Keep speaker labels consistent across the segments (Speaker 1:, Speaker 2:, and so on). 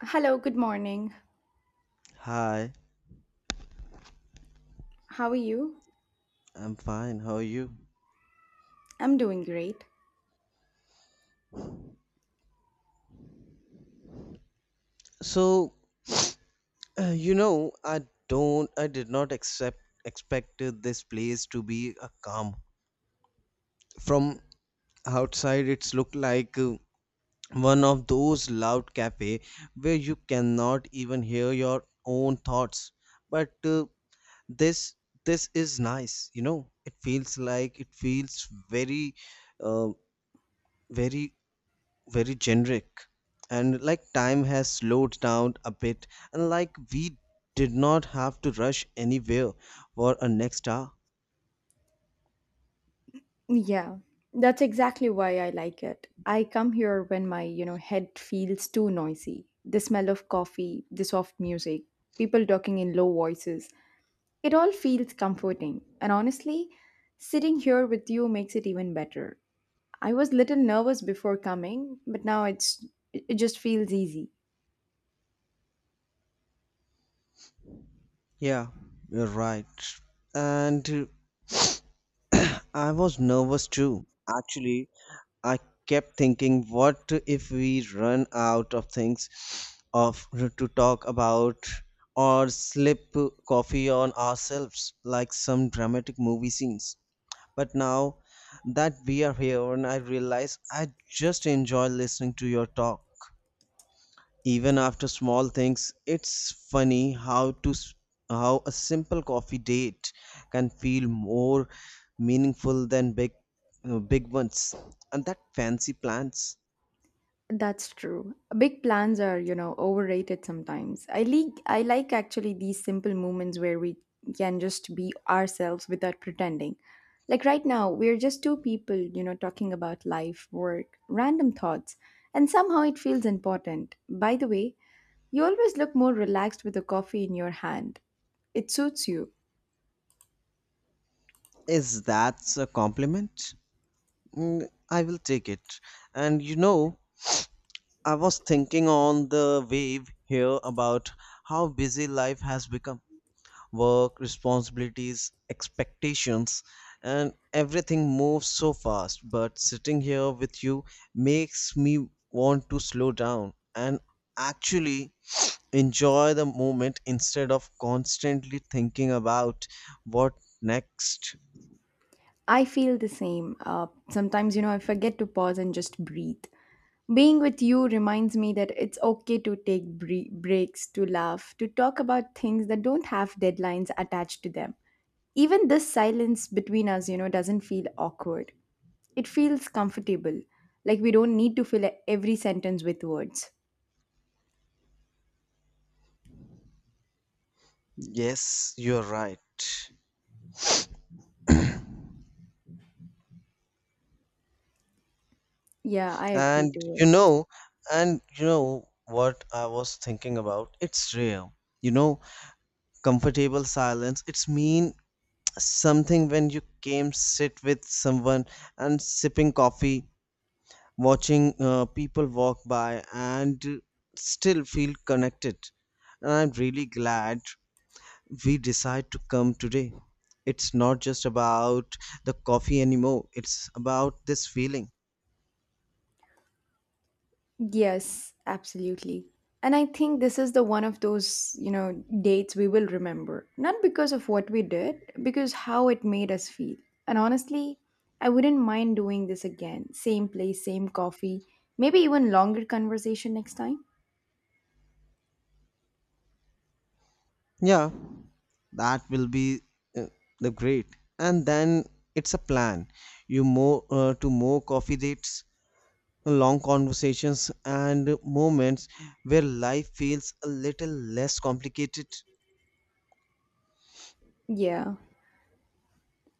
Speaker 1: Hello, good morning.
Speaker 2: Hi,
Speaker 1: How are you?
Speaker 2: I'm fine. How are you?
Speaker 1: I'm doing great.
Speaker 2: So, I don't, I did not accept expected this place to be a calm. From outside, it's looked like one of those loud cafe where you cannot even hear your own thoughts. But this, this is nice. You know, it feels like it feels uh, very very generic, and like time has slowed down a bit, and like we did not have to rush anywhere for a next hour.
Speaker 1: Yeah, that's exactly why I like it. I come here when my, head feels too noisy. The smell of coffee, the soft music, people talking in low voices. It all feels comforting. And honestly, sitting here with you makes it even better. I was little nervous before coming, but now it just feels easy.
Speaker 2: Yeah, you're right. And I was nervous too. Actually, I kept thinking, what if we run out of things of to talk about, or slip coffee on ourselves like some dramatic movie scenes? But now that we are here, and I realize I just enjoy listening to your talk. Even after small things, it's funny how a simple coffee date can feel more meaningful than big, big ones. And that fancy plans.
Speaker 1: That's true. Big plans are, overrated sometimes. I like actually these simple moments where we can just be ourselves without pretending. Like right now, we're just two people, talking about life, work, random thoughts, and somehow it feels important. By the way, you always look more relaxed with a coffee in your hand. It suits you.
Speaker 2: Is that a compliment? Mm, I will take it. And you know, I was thinking on the wave here about how busy life has become, work, responsibilities, expectations, and everything moves so fast. But sitting here with you makes me want to slow down and actually enjoy the moment instead of constantly thinking about what next.
Speaker 1: I feel the same. Sometimes, I forget to pause and just breathe. Being with you reminds me that it's okay to take breaks, to laugh, to talk about things that don't have deadlines attached to them. Even this silence between us, doesn't feel awkward. It feels comfortable, like we don't need to fill every sentence with words.
Speaker 2: Yes, you're right.
Speaker 1: Yeah, I agree
Speaker 2: And
Speaker 1: to
Speaker 2: you
Speaker 1: it.
Speaker 2: know, and you know what I was thinking about? It's rare. You know, comfortable silence. It's mean something when you came sit with someone and sipping coffee, watching, people walk by, and still feel connected. And I'm really glad we decide to come today. It's not just about the coffee anymore, it's about this feeling.
Speaker 1: Yes, absolutely. And I think this is the one of those, dates we will remember. Not because of what we did, because how it made us feel. And honestly, I wouldn't mind doing this again. Same place, same coffee, maybe even longer conversation next time.
Speaker 2: Yeah, that will be, uh, the great. And then it's a plan. You more, to more coffee dates, long conversations, and moments where life feels a little less complicated.
Speaker 1: Yeah.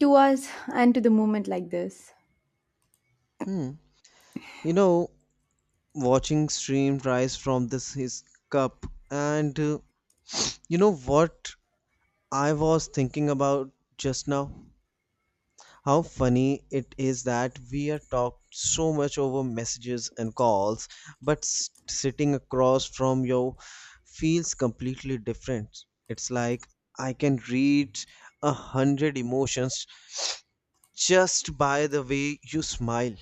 Speaker 1: To us and to the moment like this.
Speaker 2: Hmm. You know, watching stream rise from this his cup, and you know what I was thinking about just now? How funny it is that we are talked so much over messages and calls, but sitting across from you feels completely different. It's like I can read a hundred emotions just by the way you smile,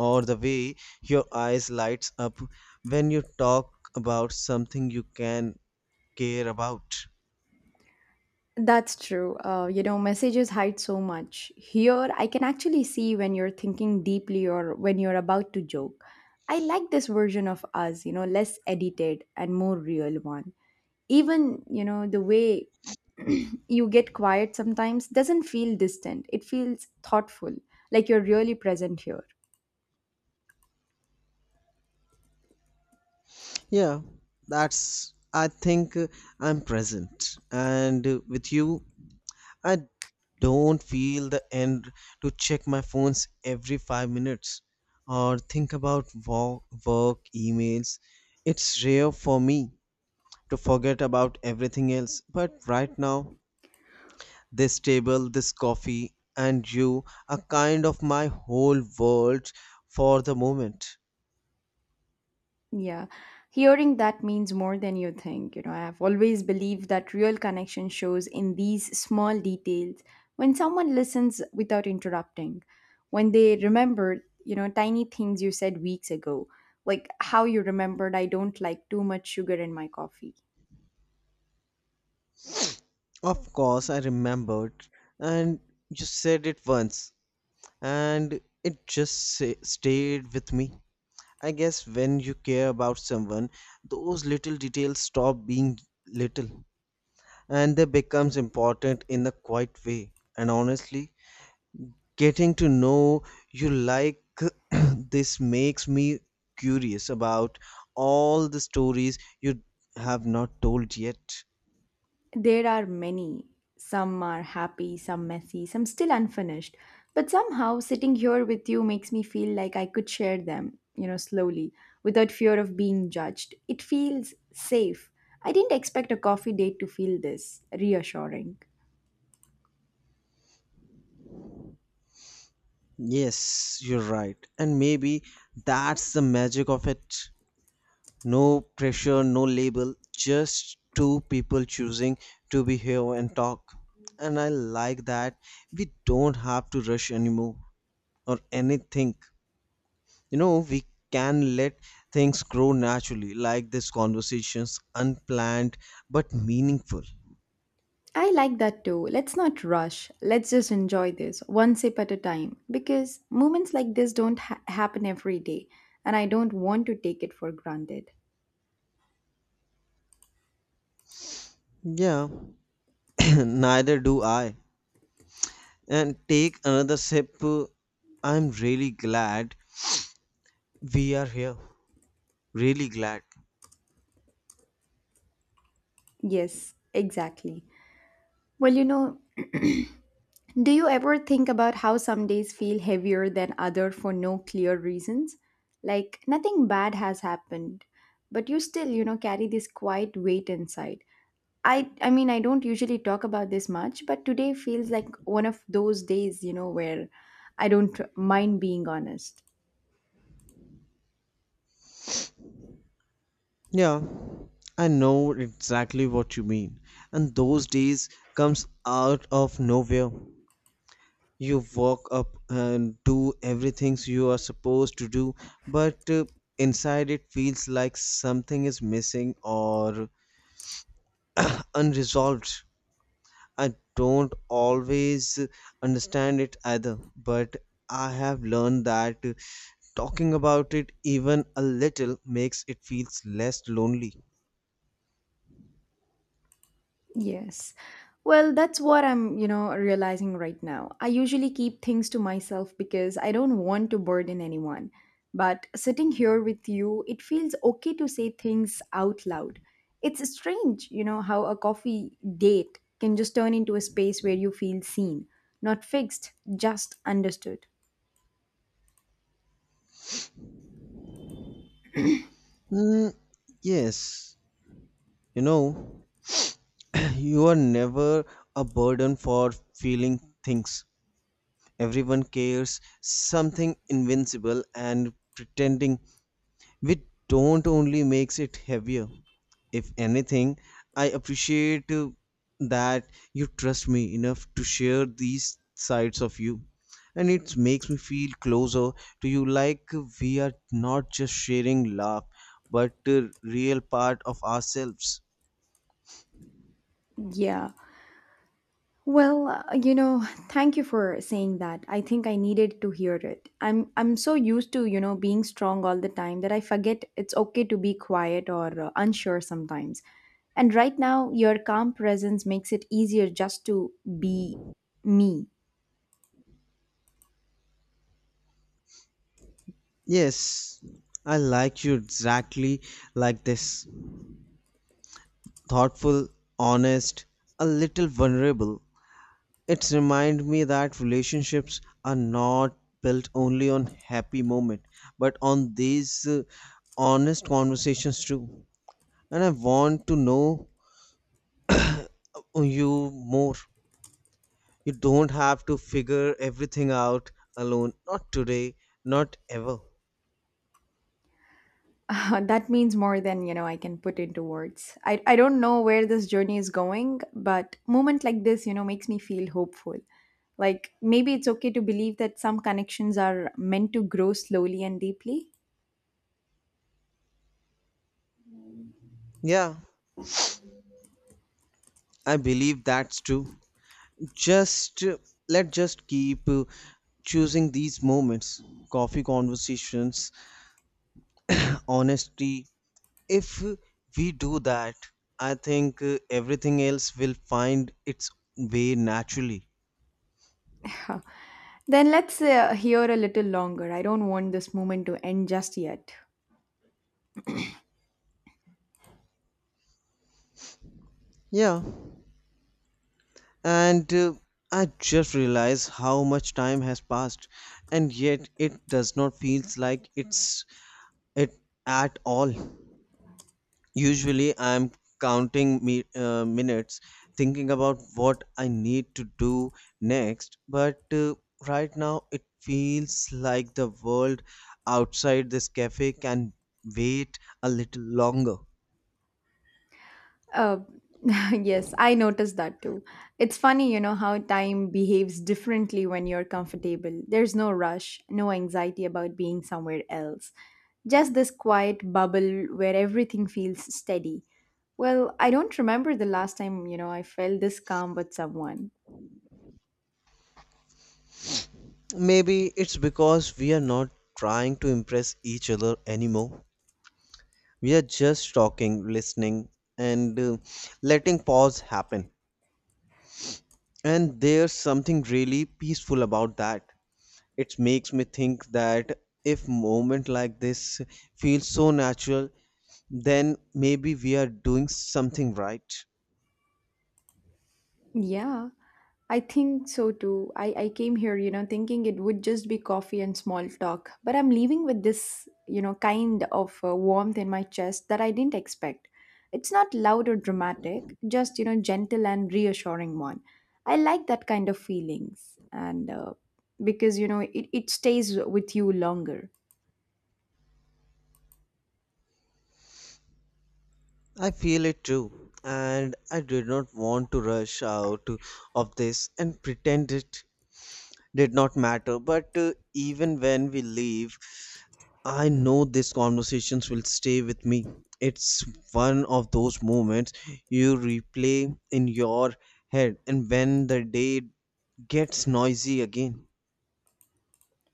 Speaker 2: or the way your eyes lights up when you talk about something you can care about.
Speaker 1: That's true. You know, messages hide so much. Here, I can actually see when you're thinking deeply or when you're about to joke. I like this version of us, less edited and more real one. Even, the way you get quiet sometimes doesn't feel distant, it feels thoughtful, like you're really present here.
Speaker 2: Yeah, that's I think, I'm present, and with you I don't feel the end to check my phones every 5 minutes, or think about work emails. It's rare for me to forget about everything else but right now. This table, this coffee, and you are kind of my whole world for the moment.
Speaker 1: Yeah, hearing that means more than you think. You know, I have always believed that real connection shows in these small details. When someone listens without interrupting, when they remember, tiny things you said weeks ago, like how you remembered I don't like too much sugar in my coffee.
Speaker 2: Of course, I remembered, and you said it once, and it just stayed with me. I guess when you care about someone, those little details stop being little, and they becomes important in a quiet way. And honestly, getting to know you like this makes me curious about all the stories you have not told yet.
Speaker 1: There are many. Some are happy, some messy, some still unfinished. But somehow, sitting here with you makes me feel like I could share them, slowly, without fear of being judged. It feels safe. I didn't expect a coffee date to feel this reassuring.
Speaker 2: Yes, you're right. And maybe that's the magic of it. No pressure, no label, just two people choosing to be here and talk. And I like that we don't have to rush anymore or anything. You know, we can let things grow naturally, like these conversations, unplanned but meaningful.
Speaker 1: I like that too. Let's not rush. Let's just enjoy this one sip at a time because moments like this don't happen every day, and I don't want to take it for granted.
Speaker 2: Yeah, neither do I. And take another sip. I'm really glad we are here. Really glad.
Speaker 1: Yes, exactly. Well, you know, do you ever think about how some days feel heavier than other for no clear reasons? Like nothing bad has happened, but you still, carry this quiet weight inside. I mean, I don't usually talk about this much, but today feels like one of those days, where I don't mind being honest.
Speaker 2: Yeah, I know exactly what you mean. And those days comes out of nowhere. You walk up and do everything you are supposed to do, but inside it feels like something is missing or unresolved. I don't always understand it either, but I have learned that talking about it even a little makes it feels less lonely.
Speaker 1: Yes. Well, that's what I'm, realizing right now. I usually keep things to myself because I don't want to burden anyone. But sitting here with you, it feels okay to say things out loud. It's strange, how a coffee date can just turn into a space where you feel seen, not fixed, just understood.
Speaker 2: Mm, yes, you know, you are never a burden for feeling things. Everyone cares something invincible, and pretending we don't only makes it heavier. If anything, I appreciate that you trust me enough to share these sides of you. And it makes me feel closer to you, like we are not just sharing love but a real part of ourselves.
Speaker 1: Yeah. Well, you know, thank you for saying that. I think I needed to hear it. I'm so used to, being strong all the time that I forget it's okay to be quiet or unsure sometimes. And right now, your calm presence makes it easier just to be me.
Speaker 2: Yes, I like you exactly like this. Thoughtful, honest, a little vulnerable. It's remind me that relationships are not built only on happy moment, but on these, honest conversations too. And I want to know, you more. You don't have to figure everything out alone. Not today, not ever.
Speaker 1: That means more than you know I can put into words. I don't know where this journey is going, but moment like this, makes me feel hopeful. Like maybe it's okay to believe that some connections are meant to grow slowly and deeply.
Speaker 2: Yeah, I believe that's true. Just let just keep choosing these moments, coffee conversations, honesty. If we do that, I think, everything else will find its way naturally.
Speaker 1: Huh. Then let's hear a little longer. I don't want this moment to end just yet.
Speaker 2: Yeah, and I just realized how much time has passed, and yet it does not feels like it at all. Usually, I'm counting minutes, thinking about what I need to do next, but right now it feels like the world outside this cafe can wait a little longer.
Speaker 1: Uh, yes, I noticed that too. It's funny, how time behaves differently when you're comfortable. There's no rush, no anxiety about being somewhere else. Just this quiet bubble where everything feels steady. Well, I don't remember the last time, I felt this calm with someone.
Speaker 2: Maybe it's because we are not trying to impress each other anymore. We are just talking, listening, and letting pause happen. And there's something really peaceful about that. It makes me think that if moment like this feels so natural, then maybe we are doing something right.
Speaker 1: Yeah. I think so too. I came here, thinking it would just be coffee and small talk. But I'm leaving with this, kind of warmth in my chest that I didn't expect. It's not loud or dramatic, just, gentle and reassuring one. I like that kind of feelings. And because, you know, it stays with you longer.
Speaker 2: I feel it too, and I did not want to rush out of this and pretend it did not matter. But even when we leave, I know these conversations will stay with me. It's one of those moments you replay in your head, and when the day gets noisy again.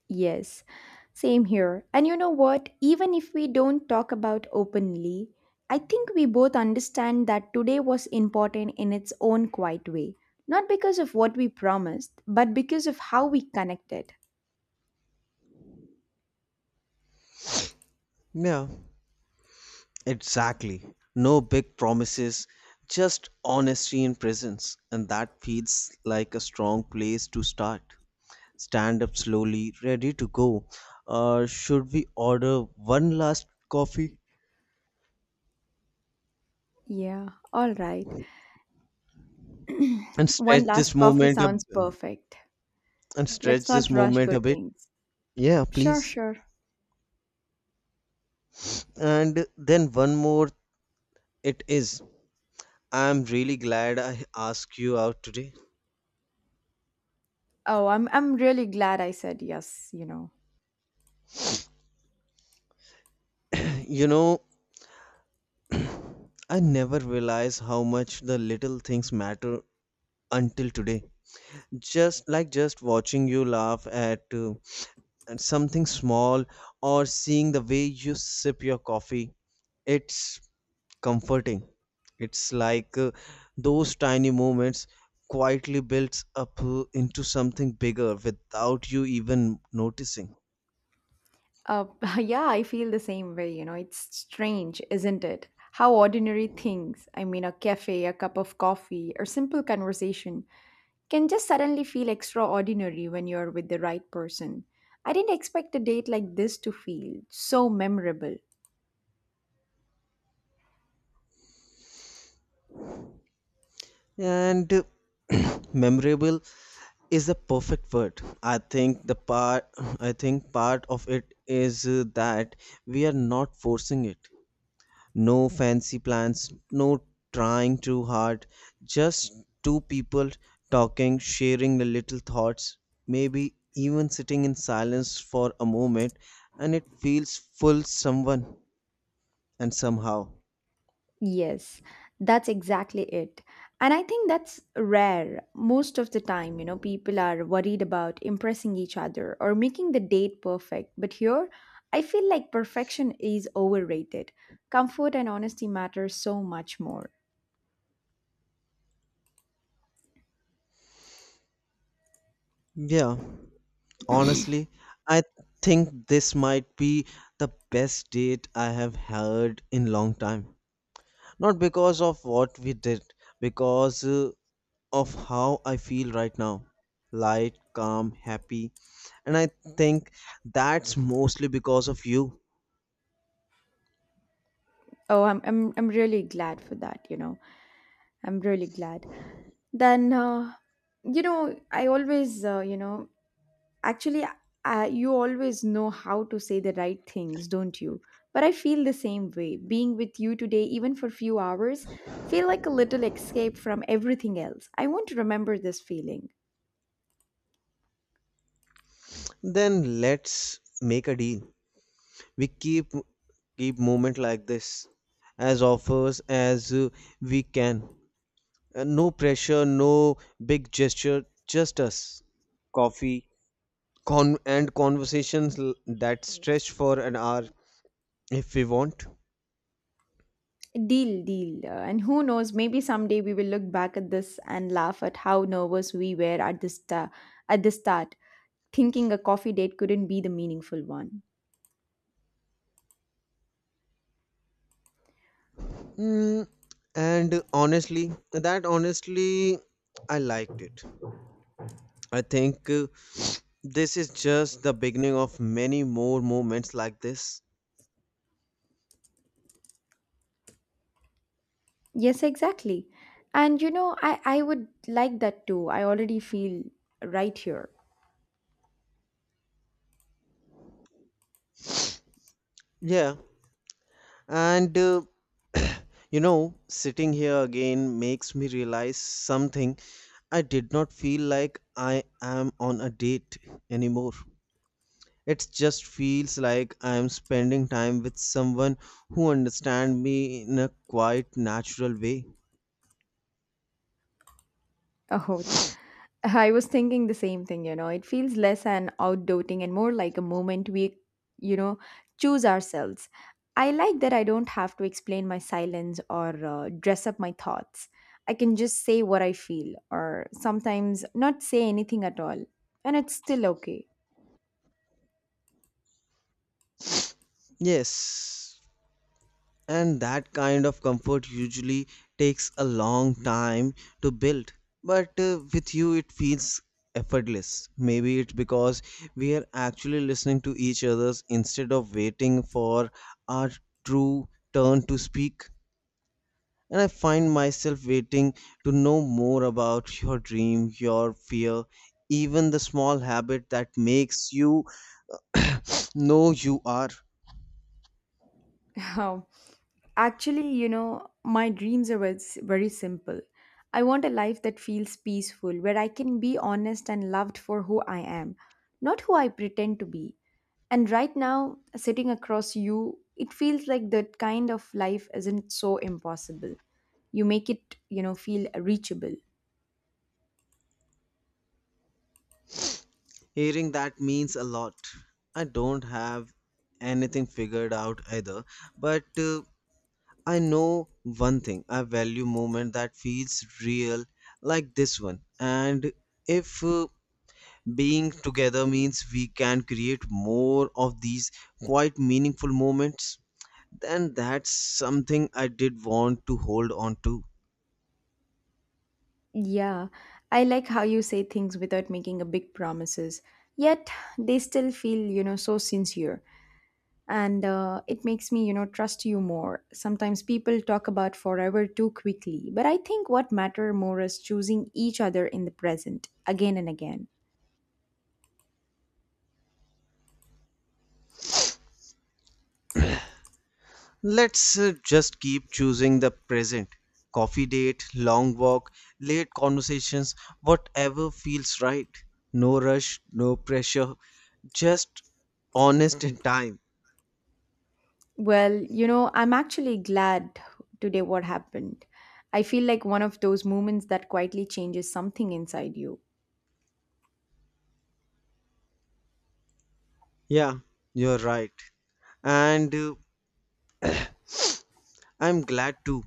Speaker 1: Yes, same here. And you know what? Even if we don't talk about openly, I think we both understand that today was important in its own quiet way. Not because of what we promised, but because of how we connected.
Speaker 2: Yeah, exactly. No big promises, just honesty and presence, and that feels like a strong place to start. Stand up slowly, ready to go. Should we order one last coffee
Speaker 1: Yeah, all right.
Speaker 2: and
Speaker 1: One
Speaker 2: stretch this
Speaker 1: last coffee
Speaker 2: moment a
Speaker 1: sounds perfect. Let's not rush good
Speaker 2: bit?
Speaker 1: things.
Speaker 2: Yeah,
Speaker 1: Sure,
Speaker 2: please.
Speaker 1: sure.
Speaker 2: And then one more it is. I'm really glad I asked you out today.
Speaker 1: Oh, I'm really glad I said yes, you know.
Speaker 2: You know, I never realized how much the little things matter until today. Just watching you laugh at, at something small, or seeing the way you sip your coffee. It's comforting. It's like, those tiny moments quietly builds up, into something bigger without you even noticing.
Speaker 1: Uh, yeah, I feel the same way. You know, it's strange, isn't it? How ordinary things, I mean, a cafe, a cup of coffee, or simple conversation, can just suddenly feel extraordinary when you're with the right person. I didn't expect a date like this to feel so memorable.
Speaker 2: And memorable is the perfect word. I think part of it is that we are not forcing it. No fancy plans, no trying too hard. Just two people talking, sharing the little thoughts, maybe even sitting in silence for a moment, and it feels full someone and somehow.
Speaker 1: Yes, that's exactly it. And I think that's rare. Most of the time, people are worried about impressing each other or making the date perfect. But here, I feel like perfection is overrated. Comfort and honesty matter so much more.
Speaker 2: Yeah, honestly, I think this might be the best date I have had in long time. Not because of what we did, because of how I feel right now. Light, calm, happy. And I think that's mostly because of you.
Speaker 1: Oh, I'm really glad for that, you know. I'm really glad. Then you know, I always you know, Actually, You always know how to say the right things, don't you? But I feel the same way. Being with you today, even for few hours, feel like a little escape from everything else. I want to remember this feeling.
Speaker 2: Then let's make a deal. We keep moment like this as offers as we can. No pressure, no big gesture, just us. Coffee and conversations that stretch for an hour if we want.
Speaker 1: Deal, deal. And who knows, maybe someday we will look back at this and laugh at how nervous we were at at the start, thinking a coffee date couldn't be the meaningful one.
Speaker 2: Mm, and honestly, that Honestly, I liked it. I think, this is just the beginning of many more moments like this.
Speaker 1: Yes, exactly. And you know, I would like that too. I already feel right here.
Speaker 2: Yeah, and you know, sitting here again makes me realize something. I did not feel like I am on a date anymore. It just feels like I am spending time with someone who understands me in a quite natural way.
Speaker 1: Oh, I was thinking the same thing, you know. It feels less an outdoting and more like a moment we, you know, choose ourselves. I like that I don't have to explain my silence or dress up my thoughts. I can just say what I feel or sometimes not say anything at all. And it's still okay.
Speaker 2: Yes, and that kind of comfort usually takes a long time to build, but with you it feels effortless. Maybe it's because we are actually listening to each other's instead of waiting for our true turn to speak. And I find myself waiting to know more about your dream, your fear, even the small habit that makes you know you are.
Speaker 1: Actually, you know, my dreams are very simple. I want a life that feels peaceful, where I can be honest and loved for who I am, not who I pretend to be. And right now, sitting across you, it feels like that kind of life isn't so impossible. You make it, feel reachable.
Speaker 2: Hearing that means a lot. I don't have anything figured out either, but I know one thing. I value movement that feels real, like this one. And if being together means we can create more of these quite meaningful moments, then that's something I did want to hold on to.
Speaker 1: Yeah, I like how you say things without making a big promises, yet they still feel, so sincere. And it makes me, you know, trust you more. Sometimes people talk about forever too quickly, but I think what matter more is choosing each other in the present again and again.
Speaker 2: Let's just keep choosing the present. Coffee date, long walk, late conversations, whatever feels right. No rush, no pressure, just honest in time.
Speaker 1: Well, you know, I'm actually glad today what happened. I feel like one of those moments that quietly changes something inside you.
Speaker 2: Yeah, you're right. And I'm glad too.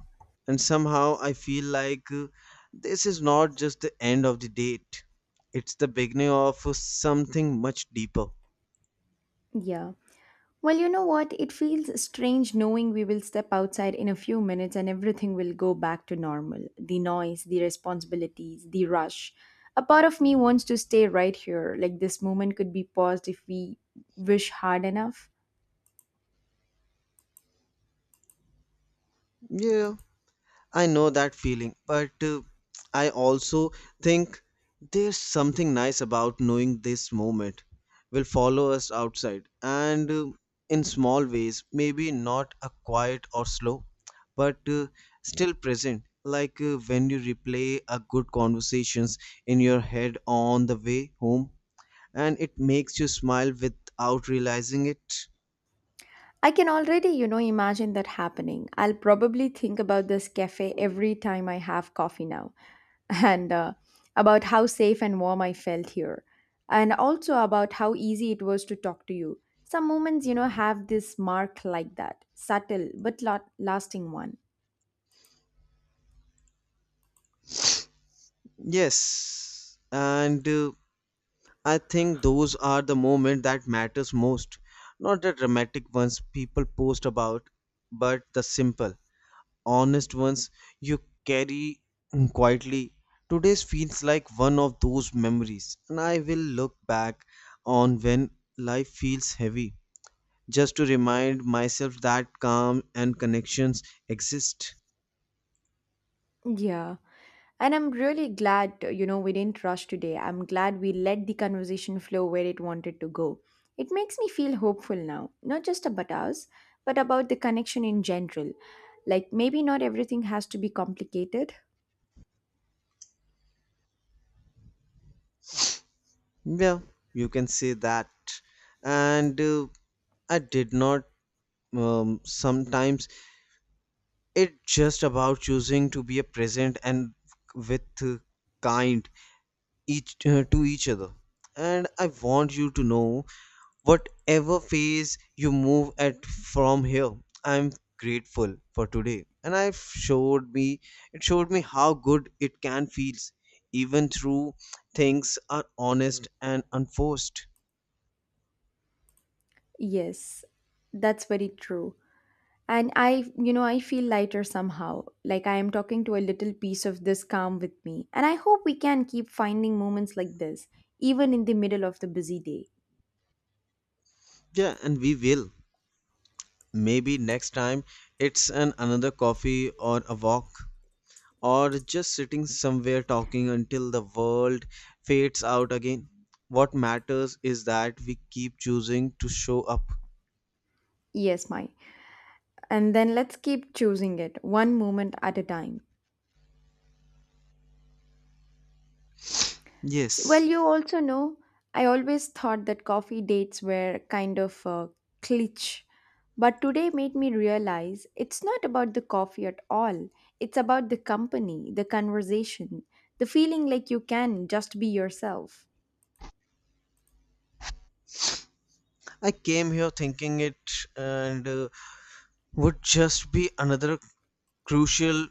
Speaker 2: And somehow I feel like, this is not just the end of the date, it's the beginning of something much deeper.
Speaker 1: Yeah. Well, you know what? It feels strange knowing we will step outside in a few minutes and everything will go back to normal. The noise, the responsibilities, the rush. A part of me wants to stay right here, like this moment could be paused if we wish hard enough.
Speaker 2: Yeah. I know that feeling, but I also think there's something nice about knowing this moment will follow us outside, and in small ways, maybe not a quiet or slow, but still present. Like when you replay a good conversations in your head on the way home, and it makes you smile without realizing it.
Speaker 1: I can already, imagine that happening. I'll probably think about this cafe every time I have coffee now. And about how safe and warm I felt here, and also about how easy it was to talk to you. Some moments, have this mark like that, subtle but lot lasting one.
Speaker 2: Yes, and I think those are the moments that matters most, not the dramatic ones people post about, but the simple, honest ones you carry quietly. Today's feels like one of those memories, and I will look back on when life feels heavy, just to remind myself that calm and connections exist.
Speaker 1: Yeah. And I'm really glad, you know, we didn't rush today. I'm glad we let the conversation flow where it wanted to go. It makes me feel hopeful now, not just about us, but about the connection in general. Like, maybe not everything has to be complicated.
Speaker 2: Yeah, you can say that. And I did not, sometimes it's just about choosing to be a present and with, kind each to each other. And I want you to know, whatever phase you move at from here, I'm grateful for today. And I showed me It showed me how good it can feels, even through things are honest and unforced.
Speaker 1: Yes, that's very true. And I feel lighter somehow, like I am talking to a little piece of this calm with me. And I hope we can keep finding moments like this, even in the middle of the busy day.
Speaker 2: Yeah, and we will. Maybe next time it's an another coffee or a walk, or just sitting somewhere talking until the world fades out again. What matters is that we keep choosing to show up.
Speaker 1: Yes, my. And then let's keep choosing it, one moment at a time. So, well,
Speaker 2: Yes,
Speaker 1: you also know, I always thought that coffee dates were kind of a glitch, but today made me realize it's not about the coffee at all. It's about the company, the conversation, the feeling like you can just be yourself.
Speaker 2: I came here thinking it and would just be another crucial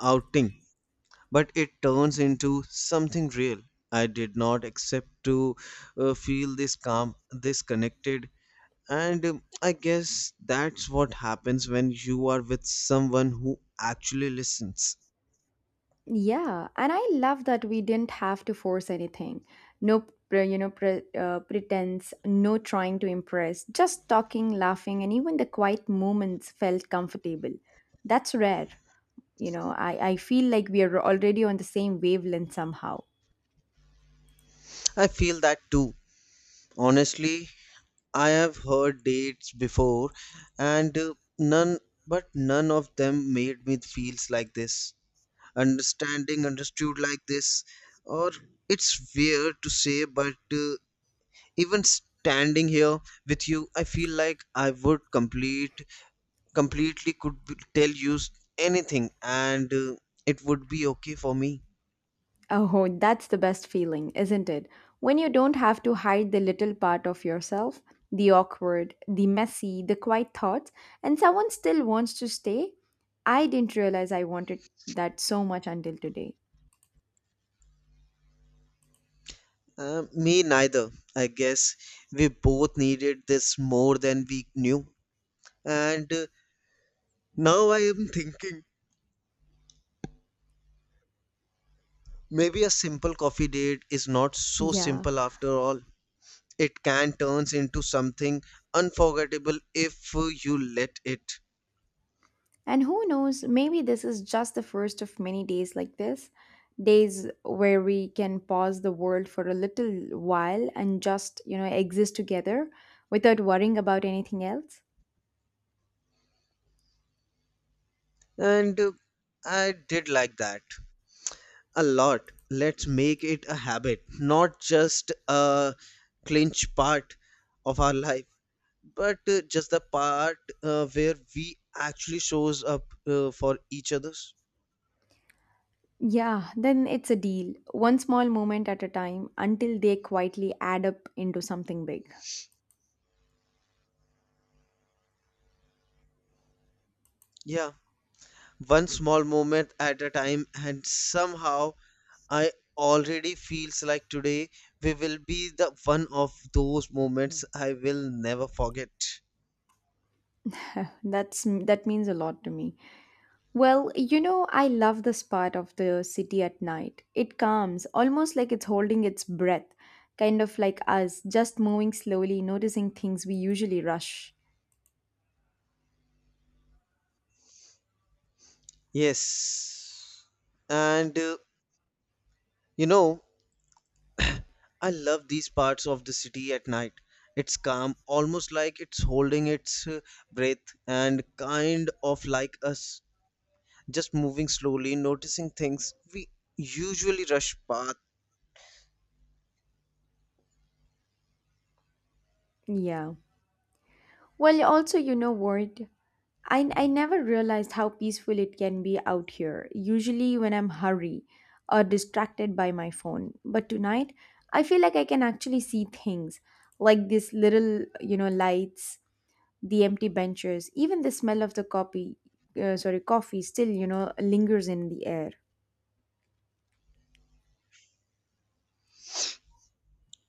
Speaker 2: outing, but it turns into something real. I did not expect to, feel this calm, this connected, and I guess that's what happens when you are with someone who actually listens.
Speaker 1: Yeah, and I love that we didn't have to force anything. No, pretense, no trying to impress, just talking, laughing, and even the quiet moments felt comfortable. That's rare. You know, I feel like we are already on the same wavelength somehow.
Speaker 2: I feel that too. Honestly, I have heard dates before, and none of them made me feels like this. Understanding understood like this, or it's weird to say, but even standing here with you I feel like I would complete completely could be- tell you anything, and it would be okay for me.
Speaker 1: Oh, that's the best feeling, isn't it? When you don't have to hide the little part of yourself, the awkward, the messy, the quiet thoughts, and someone still wants to stay. I didn't realize I wanted that so much until today.
Speaker 2: Me neither. I guess we both needed this more than we knew. And now I am thinking, maybe a simple coffee date is not so
Speaker 1: Yeah.
Speaker 2: simple after all. It can turn into something unforgettable if, you let it.
Speaker 1: And who knows, maybe this is just the first of many days like this, days where we can pause the world for a little while and just, exist together without worrying about anything else.
Speaker 2: And I did like that a lot. Let's make it a habit, not just a clinch part of our life, but just the part, where we actually shows up, for each other's.
Speaker 1: Yeah, then it's a deal. One small moment at a time until they quietly add up into something big.
Speaker 2: Yeah, one small moment at a time, and somehow I already feels like today we will be the one of those moments I will never forget.
Speaker 1: That's that means a lot to me. Well, you know, I love this part of the city at night. It calms, almost like it's holding its breath, kind of like us, just moving slowly, noticing things we usually rush.
Speaker 2: Yes, and you know, I love these parts of the city at night. It's calm, almost like it's holding its, breath, and kind of like us, just moving slowly, noticing things we usually rush past.
Speaker 1: Yeah. Well, also, you know what? I never realized how peaceful it can be out here, usually when I'm hurry or distracted by my phone. But tonight, I feel like I can actually see things, like these little, lights, the empty benches, even the smell of the copy, sorry, coffee still, lingers in the air.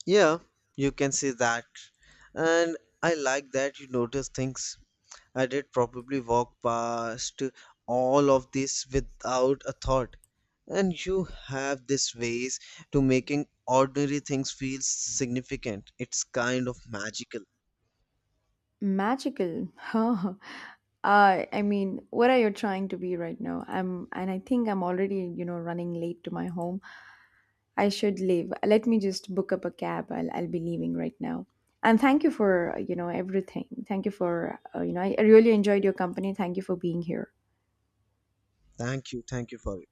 Speaker 2: Yeah, you can say that. And I like that you notice things. I did probably walk past all of this without a thought. And you have this ways to making ordinary things feel significant. It's kind of magical.
Speaker 1: Magical. Huh. I mean, what are you trying to be right now? I'm, and I think I'm already, running late to my home. I should leave. Let me just book up a cab. I'll be leaving right now. And thank you for, everything. Thank you for, I really enjoyed your company. Thank you for being here.
Speaker 2: Thank you. Thank you for it.